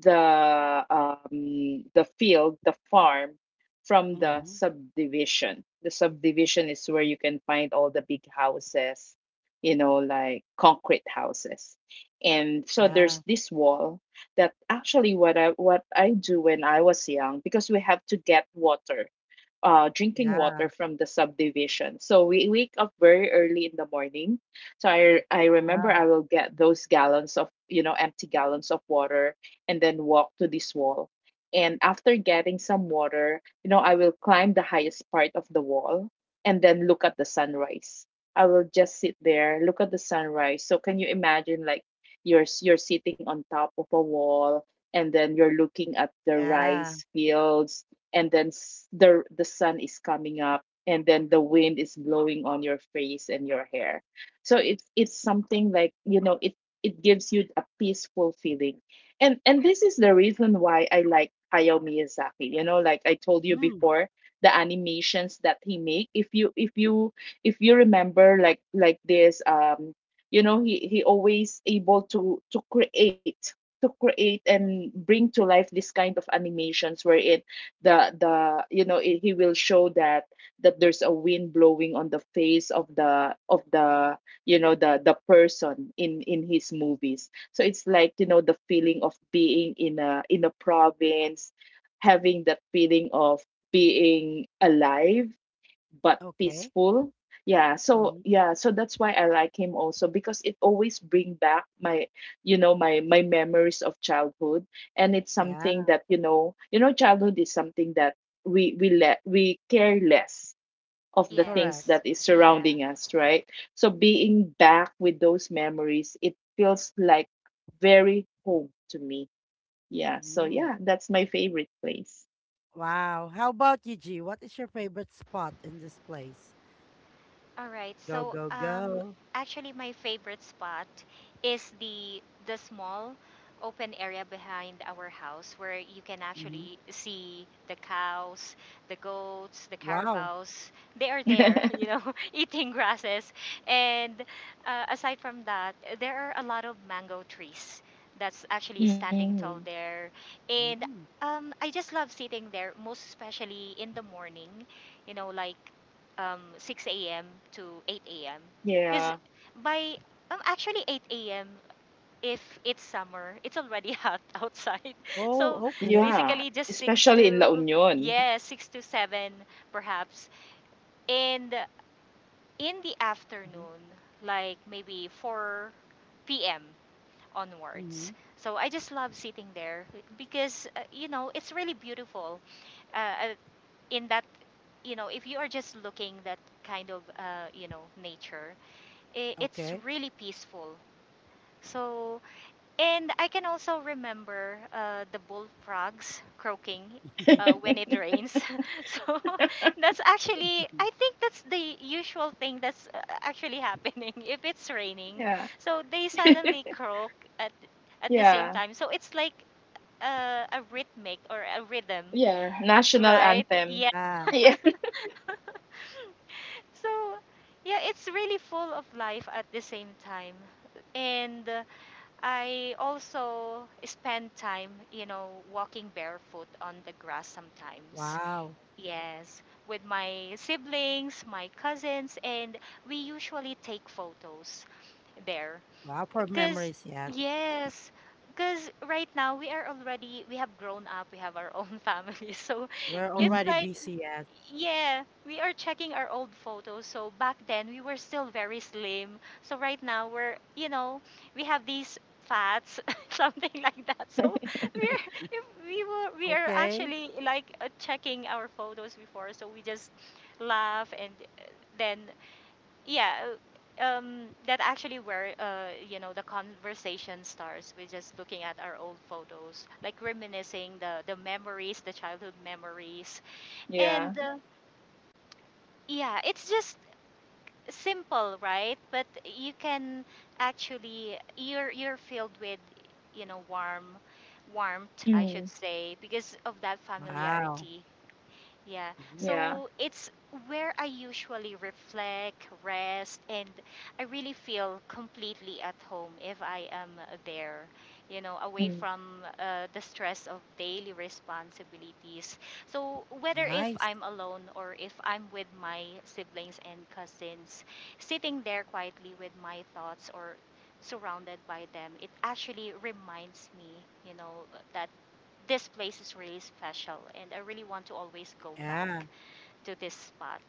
the um, the field, the farm, from the Mm-hmm. subdivision. The subdivision is where you can find all the big houses, like concrete houses. And so there's Yeah. this wall, that actually what I do when I was young, because we have to get water drinking Yeah. water from the subdivision. So we wake up very early in the morning. So I remember Yeah. I will get those gallons of you know empty gallons of water, and then walk to this wall. And after getting some water, I will climb the highest part of the wall, and then look at the sunrise. I will just sit there, look at the sunrise. So can you imagine like you're sitting on top of a wall and then you're looking at the Yeah. rice fields and then the sun is coming up and then the wind is blowing on your face and your hair, so it's something like it it gives you a peaceful feeling. And this is the reason why I like Hayao Miyazaki, you know, like I told you Mm, before, the animations that he make. If you remember, like this you know, he always able to create and bring to life this kind of animations where it the you know he will show that that there's a wind blowing on the face of the you know the person in his movies. So it's like, you know, the feeling of being in a province, having that feeling of being alive but okay. peaceful. Yeah, so Mm-hmm. That's why I like him also because it always bring back my, you know, my memories of childhood. And it's Yeah. something that you know, childhood is something that we care less of the things Correct. Yes. that is Yeah. surrounding us, right? So being back with those memories, it feels like very home to me. Yeah, so Mm. That's my favorite place. Wow. How about you, G? What is your favorite spot in this place? All right. Go, So, go, go. actually, my favorite spot is the small open area behind our house where you can Mm-hmm. actually see the cows, the goats, the Wow. carabaos. They are there, you know, eating grasses. And aside from that, there are a lot of mango trees that's actually standing Mm, tall there. And Mm-hmm. I just love sitting there, most especially in the morning, you know, like 6 a.m. to 8 a.m. yeah. Because by actually 8 a.m. if it's summer, it's already hot outside. So Oh, okay. Yeah, basically just 6 especially in La to Union. yeah, 6 to 7 perhaps. And in the Mm-hmm. afternoon, like maybe 4 p.m. Mm-hmm. onwards. So I just love sitting there because you know, it's really beautiful. Uh, uh, in that, if you are just looking that kind of nature I it's Okay. really peaceful. So, and I can also remember the bullfrogs croaking when it rains, so that's actually, I think that's the usual thing that's actually happening if it's raining, Yeah. so they suddenly croak at the same Yeah. time, so it's like a rhythmic or a rhythm, Yeah. National right? anthem. Yeah. Yeah. Yeah. So, yeah, it's really full of life at the same time. And I also spend time, you know, walking barefoot on the grass sometimes. Wow. Yes, with my siblings, my cousins, and we usually take photos there. Wow, for Cause memories, yes. yes, cause right now we are already, we have grown up, we have our own family. So We're it's Mm. already like, busy, yes. yeah, we are checking our old photos. So back then we were still very slim. So right now we're, you know, we have these fats, something like that. So we're if we were we are Okay. actually like checking our photos before. So we just laugh and then, yeah, that actually where, uh, the conversation starts, we're just looking at our old photos, like reminiscing the memories, the childhood memories. Yeah. And yeah, it's just simple, right, but you can actually, you're filled with, you know, warmth I should Mm. say, because of that Wow. familiarity, yeah. Mhm. Yeah. So it's where I usually reflect, rest, and I really feel completely at home if I am there, you know, away Mm. from the stress of daily responsibilities. So whether if Nice. I'm alone or if I'm with my siblings and cousins, sitting there quietly with my thoughts or surrounded by them, it actually reminds me, you know, that this place is really special and I really want to always go Yeah. back to this spot.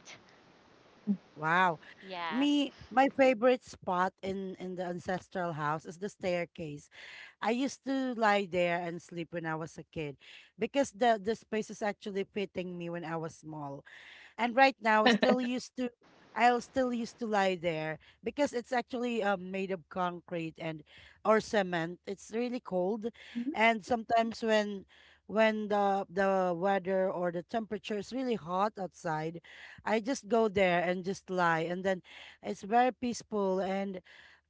Mhm. Wow. Yeah. Me, my favorite spot in the ancestral house is the staircase. I used to lie there and sleep when I was a kid because the space is actually fitting me when I was small. And right now still used to I'll still used to lie there because it's actually made of concrete and or cement. It's really cold, and sometimes when the weather or the temperature is really hot outside, I just go there and just lie, and then it's very peaceful, and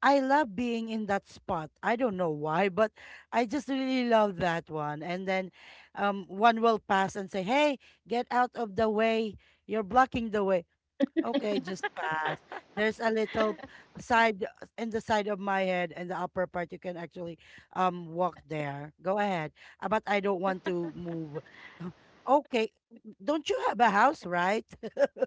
I love being in that spot. I don't know why, but I just really love that one. And then one will pass and say, "Hey, get out of the way. You're blocking the way. Okay, just pass. There's a little side in the side of my head and the upper part. You can actually walk there. Go ahead. But I don't want to move." Okay, don't you have a house, right?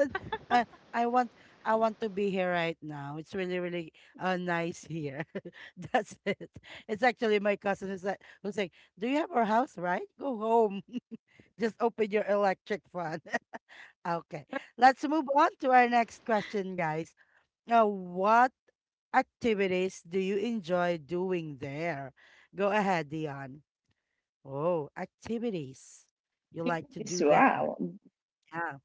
Uh, I want to be here right now. It's really really nice here. That's it. It's actually my cousin who's like, "Do you have a house, right? Go home. Just open your electric fan." Okay. Let's move on to our next question, guys. Now, what activities do you enjoy doing there? Go ahead, Dion. Oh, activities you like to Activities, do there. wow. Yeah.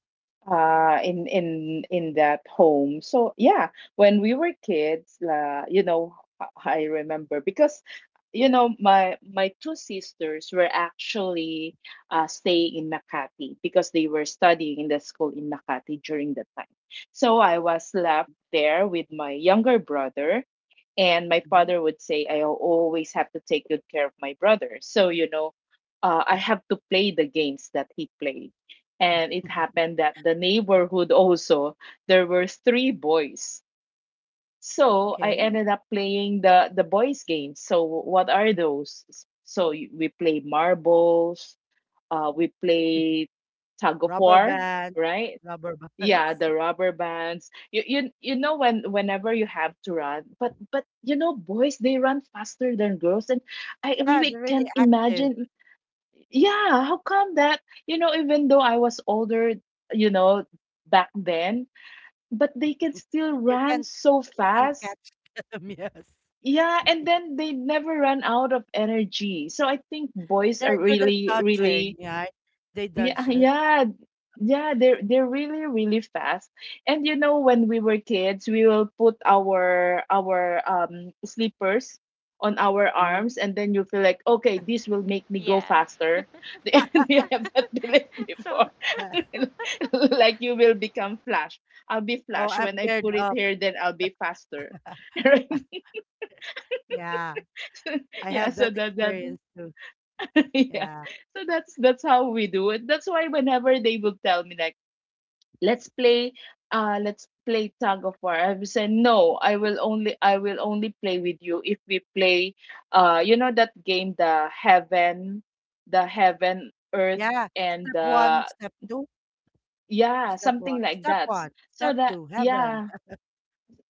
In that home. So yeah, when we were kids, you know, I remember, because you know, my two sisters were actually staying in Makati because they were studying in the school in Makati during that time. So I was left there with my younger brother, and my Mhm. father would say, I always have to take good care of my brother. So, you know, I have to play the games that he played. And it happened that the neighborhood also, there were three boys. So I Okay. ended up playing the boys' games. So what are those? So we play marbles, we play tug of Rubber war, bands, right? rubber Yeah, bands. the rubber bands. You know when whenever you have to run, but you know, boys, they run faster than girls, and I Yeah, really they're really can't active. imagine. Yeah, how come that? You know, even though I was older, you know, back then, but they can still You run can so you can fast. catch them, yes. Yeah, and then they never run out of energy. So I think boys are They're good at really dodging, really yeah. They yeah, dodge us. yeah, yeah, they're really, really fast. And you know, when we were kids, we will put our slippers on our Mm. arms, and then you feel like, okay, this will make me go Yeah. faster. You have that belief So before. That- Like you will become Flash. I'll be Oh, Flash. I'm When I geared put it up. here, then I'll be faster. Right? Yeah. I Yeah, have so that that experience too. yeah. Yeah. So that's how we do it. That's why whenever they would tell me like let's play let's play tug of war, I would say no, I will only play with you if we play you know that game, the heaven, the heaven earth, Yeah. and Step one, step two. yeah, Step something one. like Step that. one. So Step that two. Heaven. yeah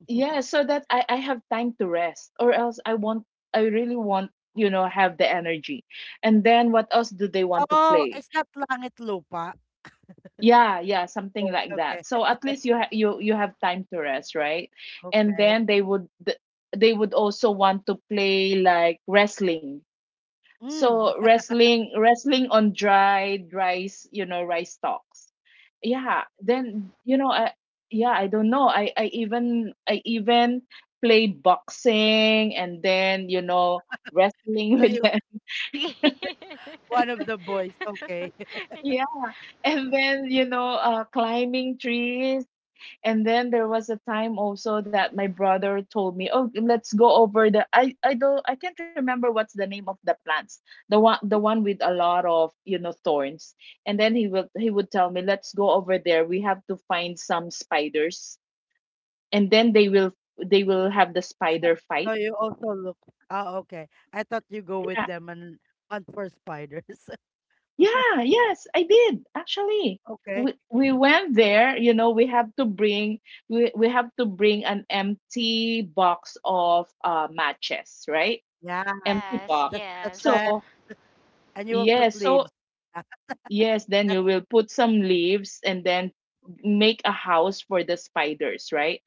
yeah so that I have time to rest. Or else I want, I really want, you know, have the energy. And then what else do they want to Oh, play? it's not langit lupa. Yeah, yeah, something Oh, like okay. that. So at least you you have time to rest, right? And Okay. then they would also want to play like wrestling. Mm. So wrestling on dried rice, you know, rice stalks. Yeah, then you know, I yeah, I don't know. I even played boxing and then, you know, wrestling So with you them. really. one of the boys. Okay. Yeah. And then, you know, climbing trees. And then there was a time also that my brother told me, "Oh, let's go over the I don't, I can't remember what's the name of the plants. The one with a lot of, you know, thorns." And then he would tell me, "Let's go over there. We have to find some spiders." And then they will have the spider fight. So you also look. Oh, okay. I thought you go with Yeah. them and hunt for spiders. Yeah, yes, I did. Actually, Okay. We went there, you know, we have to bring an empty box of matches, right? Yeah, Empty Yes, box. that's the yes. trend. So, And you will put yes, so leaves. Yeah, yes, then you that's, will put some leaves and then make a house for the spiders, right?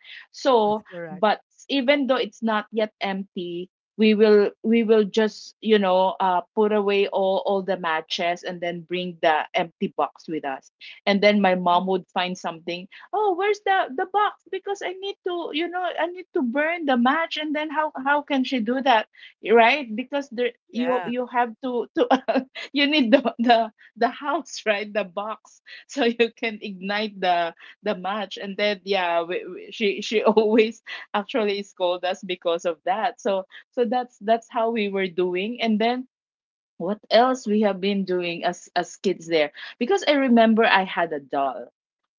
that's So, correct. but even though it's not yet empty, we will just, you know, put away all the matches and then bring the empty box with us. And then my Mm, mom would find something. "Oh, where's the box? Because I need to, you know, I need to burn the match." And then how can she do that? Right? Because there yeah. you have to you need the house right, the box, so you can ignite the match. And then yeah, she always actually scold us because of that. So so that's how we were doing. And then what else we have been doing as kids there, because I remember I had a doll,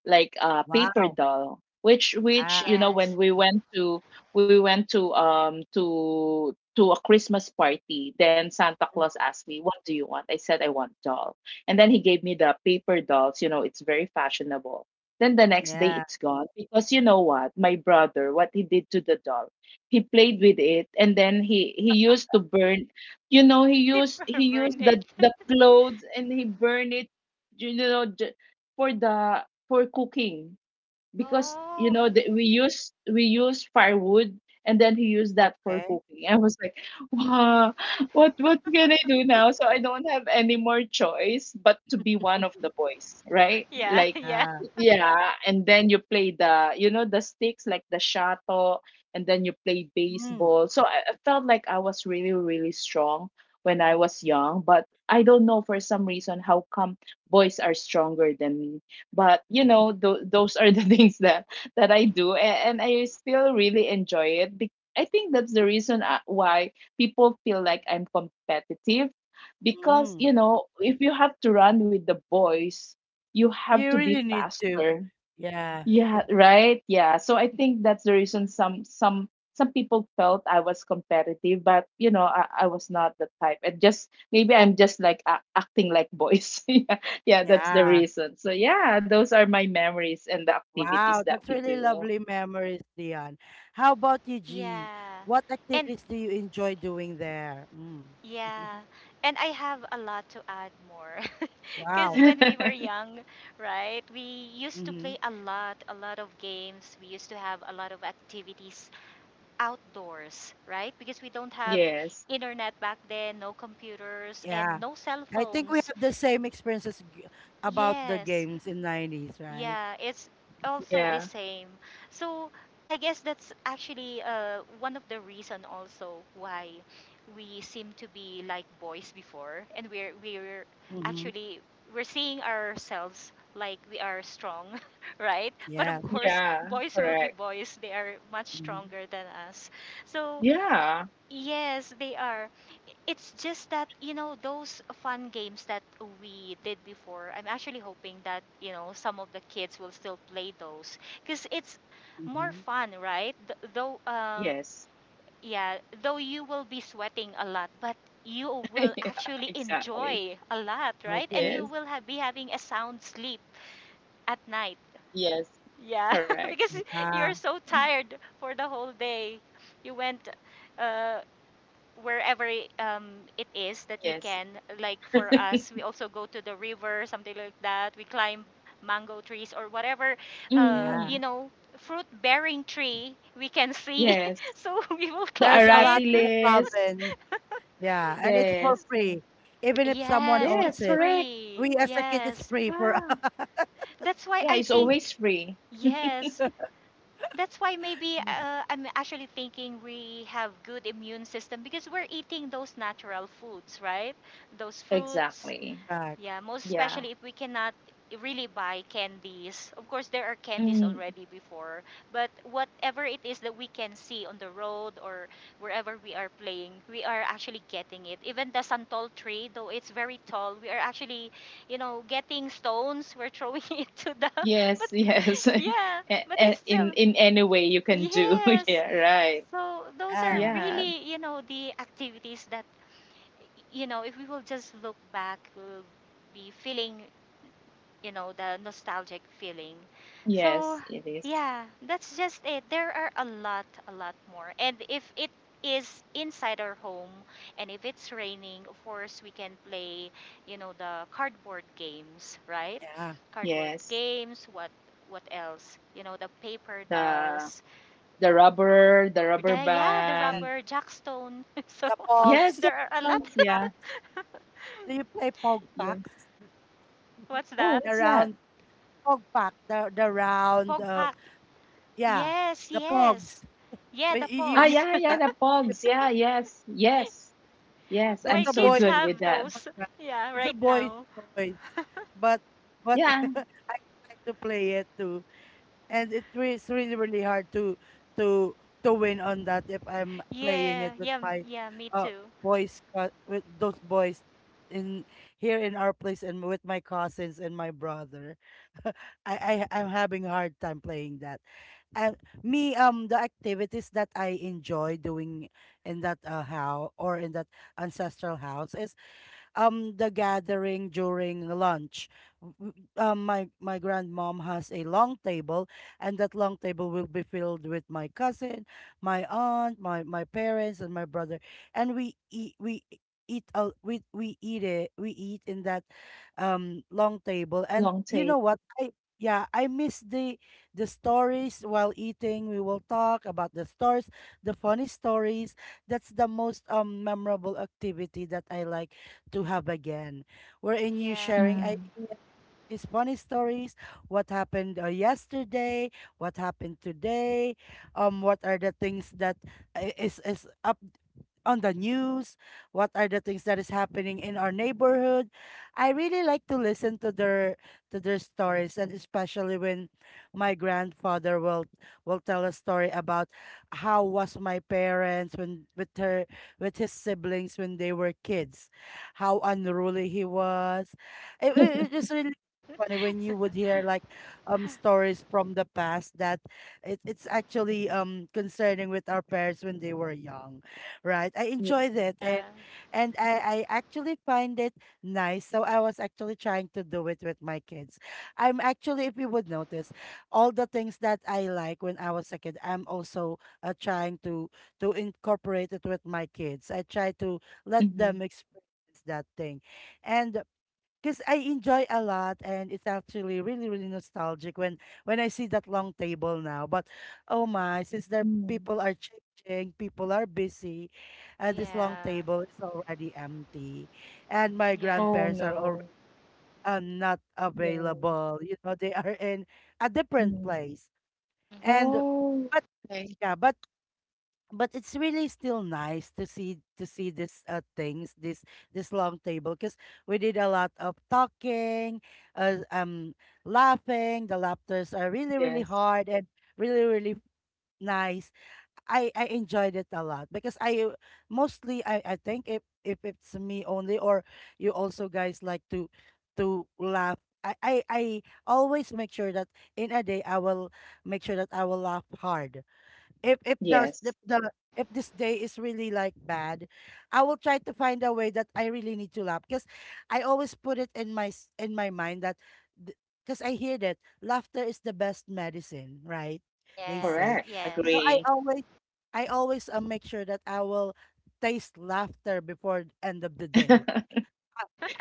like a paper Wow. doll, which Oh, you Ah. know, when yes. We went to a Christmas party, then Santa Mm, Claus asked me, what do you want? I said, I want doll. And then he gave me the paper dolls, you know, it's very fashionable. Then the next day yeah. it's gone, because you know what my brother, what he did to the doll? He played with it, and then he used to burn, you know, He he used burned the it. Clothes and he burned it, you know, for the, for cooking. Because you Oh. know that we use firewood, and then he used that for Okay. cooking. I was like, wow, what can I do now? So I don't have any more choice but to be one of the boys, right? Yeah, Like yeah. Yeah. yeah, and then you play the, you know, the sticks like the shato, and then you play Mm, baseball. So I felt like I was really really strong when I was young, but I don't know, for some reason, how come boys are stronger than me. But you know, those are the things that I do, and I still really enjoy it. I think that's the reason why people feel like I'm competitive, because mm. you know, if you have to run with the boys, you have You to really be need to. faster, Yeah. yeah, right. Yeah. So I think that's the reason some people felt I was competitive, but you know, I was not the type. And just maybe I'm just like a acting like boys. Yeah, yeah, that's the Yeah. reason. So yeah, those are my memories and the activities Wow, that that's we really do. lovely memories, Dion. How about you, G? Yeah. What And activities do you enjoy doing there? Mm. yeah, and I have a lot to add more. Because Wow. when we were young, right, we used to Hmm. play a lot of games. We used to have a lot of activities outdoors, right? Because we don't have Yes. internet back then, no computers, and Yeah. no cell I think we phones. have the same experiences g- about the Yes. games in 90s, right? Yeah, it's also Yeah. the same. So I guess that's actually one of the reason also why we seem to be like boys before, and we're Mm-hmm. actually, we're seeing ourselves like we are strong, right? But Yeah. of course, Yeah. boys will be Correct. boys. They are much Mm-hmm. stronger than us. So Yeah. yes, they are. It's just that, you know, those fun games that we did before, I'm actually hoping that, you know, some of the kids will still play those because it's more Mm-hmm. fun, right? Though, Yes. yeah, though you will be sweating a lot, but you will Yeah. actually Exactly. enjoy a lot, right? And Okay. you Yes. will have, be having a sound sleep at night. Yes. Yeah, Correct. because Yeah. you're so tired for the whole day. You went uh, wherever um, it is that you Yes. can. Like for us, we also go to the river, something like that. We climb mango trees or whatever, uh, you Yeah. Mm, know, fruit bearing tree we can see. yes. So we will The There's climb a lot it. Arati in the list. province. Yeah. And it's for Yes. free, even if someone Yes, Yes, owns it's it. correct. free. We as a kid, it's Yes. free for us. Yeah. That's why Yeah, I it's think, Yeah. always free. yes. That's why maybe Mm, I'm actually thinking we have good immune system because we're eating those natural foods, right? Those fruits. Exactly. correct. Yeah, most Yeah. especially if we cannot really buy candies. Of course, there are candies Mm, already before, but whatever it is that we can see on the road or wherever we are playing, we are actually getting it. Even the santol tree, though it's very tall, we are actually, you know, getting stones. We're throwing it to the. yes, But yes. Yeah, but it's still In any way you can do. yes. Yeah, right. So those are Yeah, Yeah. really, you know, the activities that, you know, if we will just look back, we'll be feeling, you know, the nostalgic feeling. Yes, So, it is. yeah, that's just it. There are a lot more. And if it is inside our home and if it's raining, of course, we can play, you know, the cardboard games, right? yeah. Cardboard Yes. games, what else? You know, the paper The dolls, the, rubber yeah, the The, band. rubber jackstone. So the Yes, pogs, the there are a lot. pogs. pack. Yeah. Do you play pog Yeah. packs? What's Oh, that? The what's that? round pog pack, the round. Pogpak. Yeah, Yes, the pogs. yes. Yeah, We- the You, you, Ah, you, pogs. yeah, yeah, uh, the you- pogs. Yeah, yes. Yes. Yes, that's I'm My a so boy's kids good with have that. toy, those. right? Yeah, It's a right boy's now. toys. But but Yeah, I tried to play it too, and it re- it's really really hard to to win on that if I'm playing it Yeah, with yeah, my yeah, me uh too. boys co- with those boys in here in our place and with my cousins and my brother. I'm having a hard time playing that. And me the activities that I enjoy doing in that house or in that ancestral house is the gathering during lunch. My grandmom has a long table, and that long table will be filled with my cousin, my aunt, my parents, and my brother, and we eat out we eat it we eat in that long table, long and you tail. know what, I yeah I miss the stories while eating. We will talk about the stories, the funny stories. That's the most memorable activity that I like to have again, wherein you sharing Yeah, Mm. ideas, these funny stories, what happened yesterday, what happened today, what are the things that is is up on the news, what are the things that is happening in our neighborhood. I really like to listen to their stories, and especially when my grandfather will tell a story about how was my parents when with her with his siblings when they were kids, how unruly he was. It is really funny when you would hear like stories from the past that it's actually concerning with our parents when they were young, right? I Yeah. enjoyed it, yeah, and I actually find it nice. So I was actually trying to do it with my kids. I'm actually, if you would notice, all the things that I like when I was a kid, I'm also trying to incorporate it with my kids. I try to let Mhm. them experience that thing. And because I enjoy a lot, and it's actually really really nostalgic when I see that long table now. But oh my, since their Mm. people are changing, people are busy, and this long yeah, table is already empty, and my yeah. Oh, grandparents are already no. Not Yeah. available. You know, they are in a different Mm. place, Mhm. and Oh, but okay. yeah, but it's really still nice to see this things, this long table, because we did a lot of talking uh, um laughing. The laughters are really really Yes. hard and really really nice. I enjoyed it a lot because I mostly I think if it's me only or you also guys like to laugh. I always make sure that in a day I will make sure that I will laugh hard. If the the, Yes. the if this day is really like bad, I will try to find a way that I really need to laugh, because I always put it in my mind that, because I hear that laughter is the best medicine, right? They Yes, say. Correct. So yes. Agree. I always make sure that I will taste laughter before the end of the day.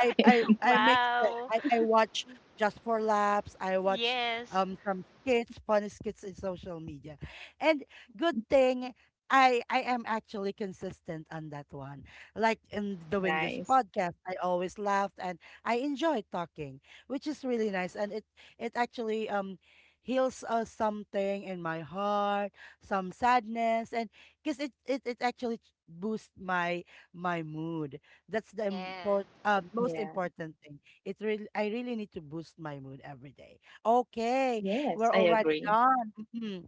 I Okay. I I make sure Wow. I watch just for laughs. I watch Yes. Some skits, funny skits in social media, and good thing, I am actually consistent on that one. Like in doing this Nice. podcast, I always laughed and I enjoy talking, which is really nice. And it actually heals something in my heart, some sadness, and because it actually boosts my my mood. That's the Yeah. import, Yeah. Most important thing. It really, I really need to boost my mood every day. Okay, Yes, I we're agree. already done. Mhm.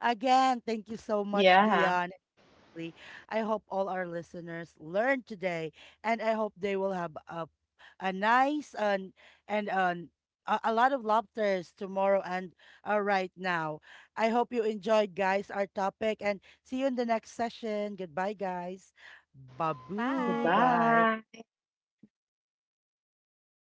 Again, thank Yeah. you so much, Dion. Lee. I hope all our listeners learned today, and I hope they will have a nice and a lot of laughters tomorrow and right now. I hope you enjoyed, guys, our topic, and see you in the next session. Goodbye, guys. Babu, Bye. bye. Goodbye.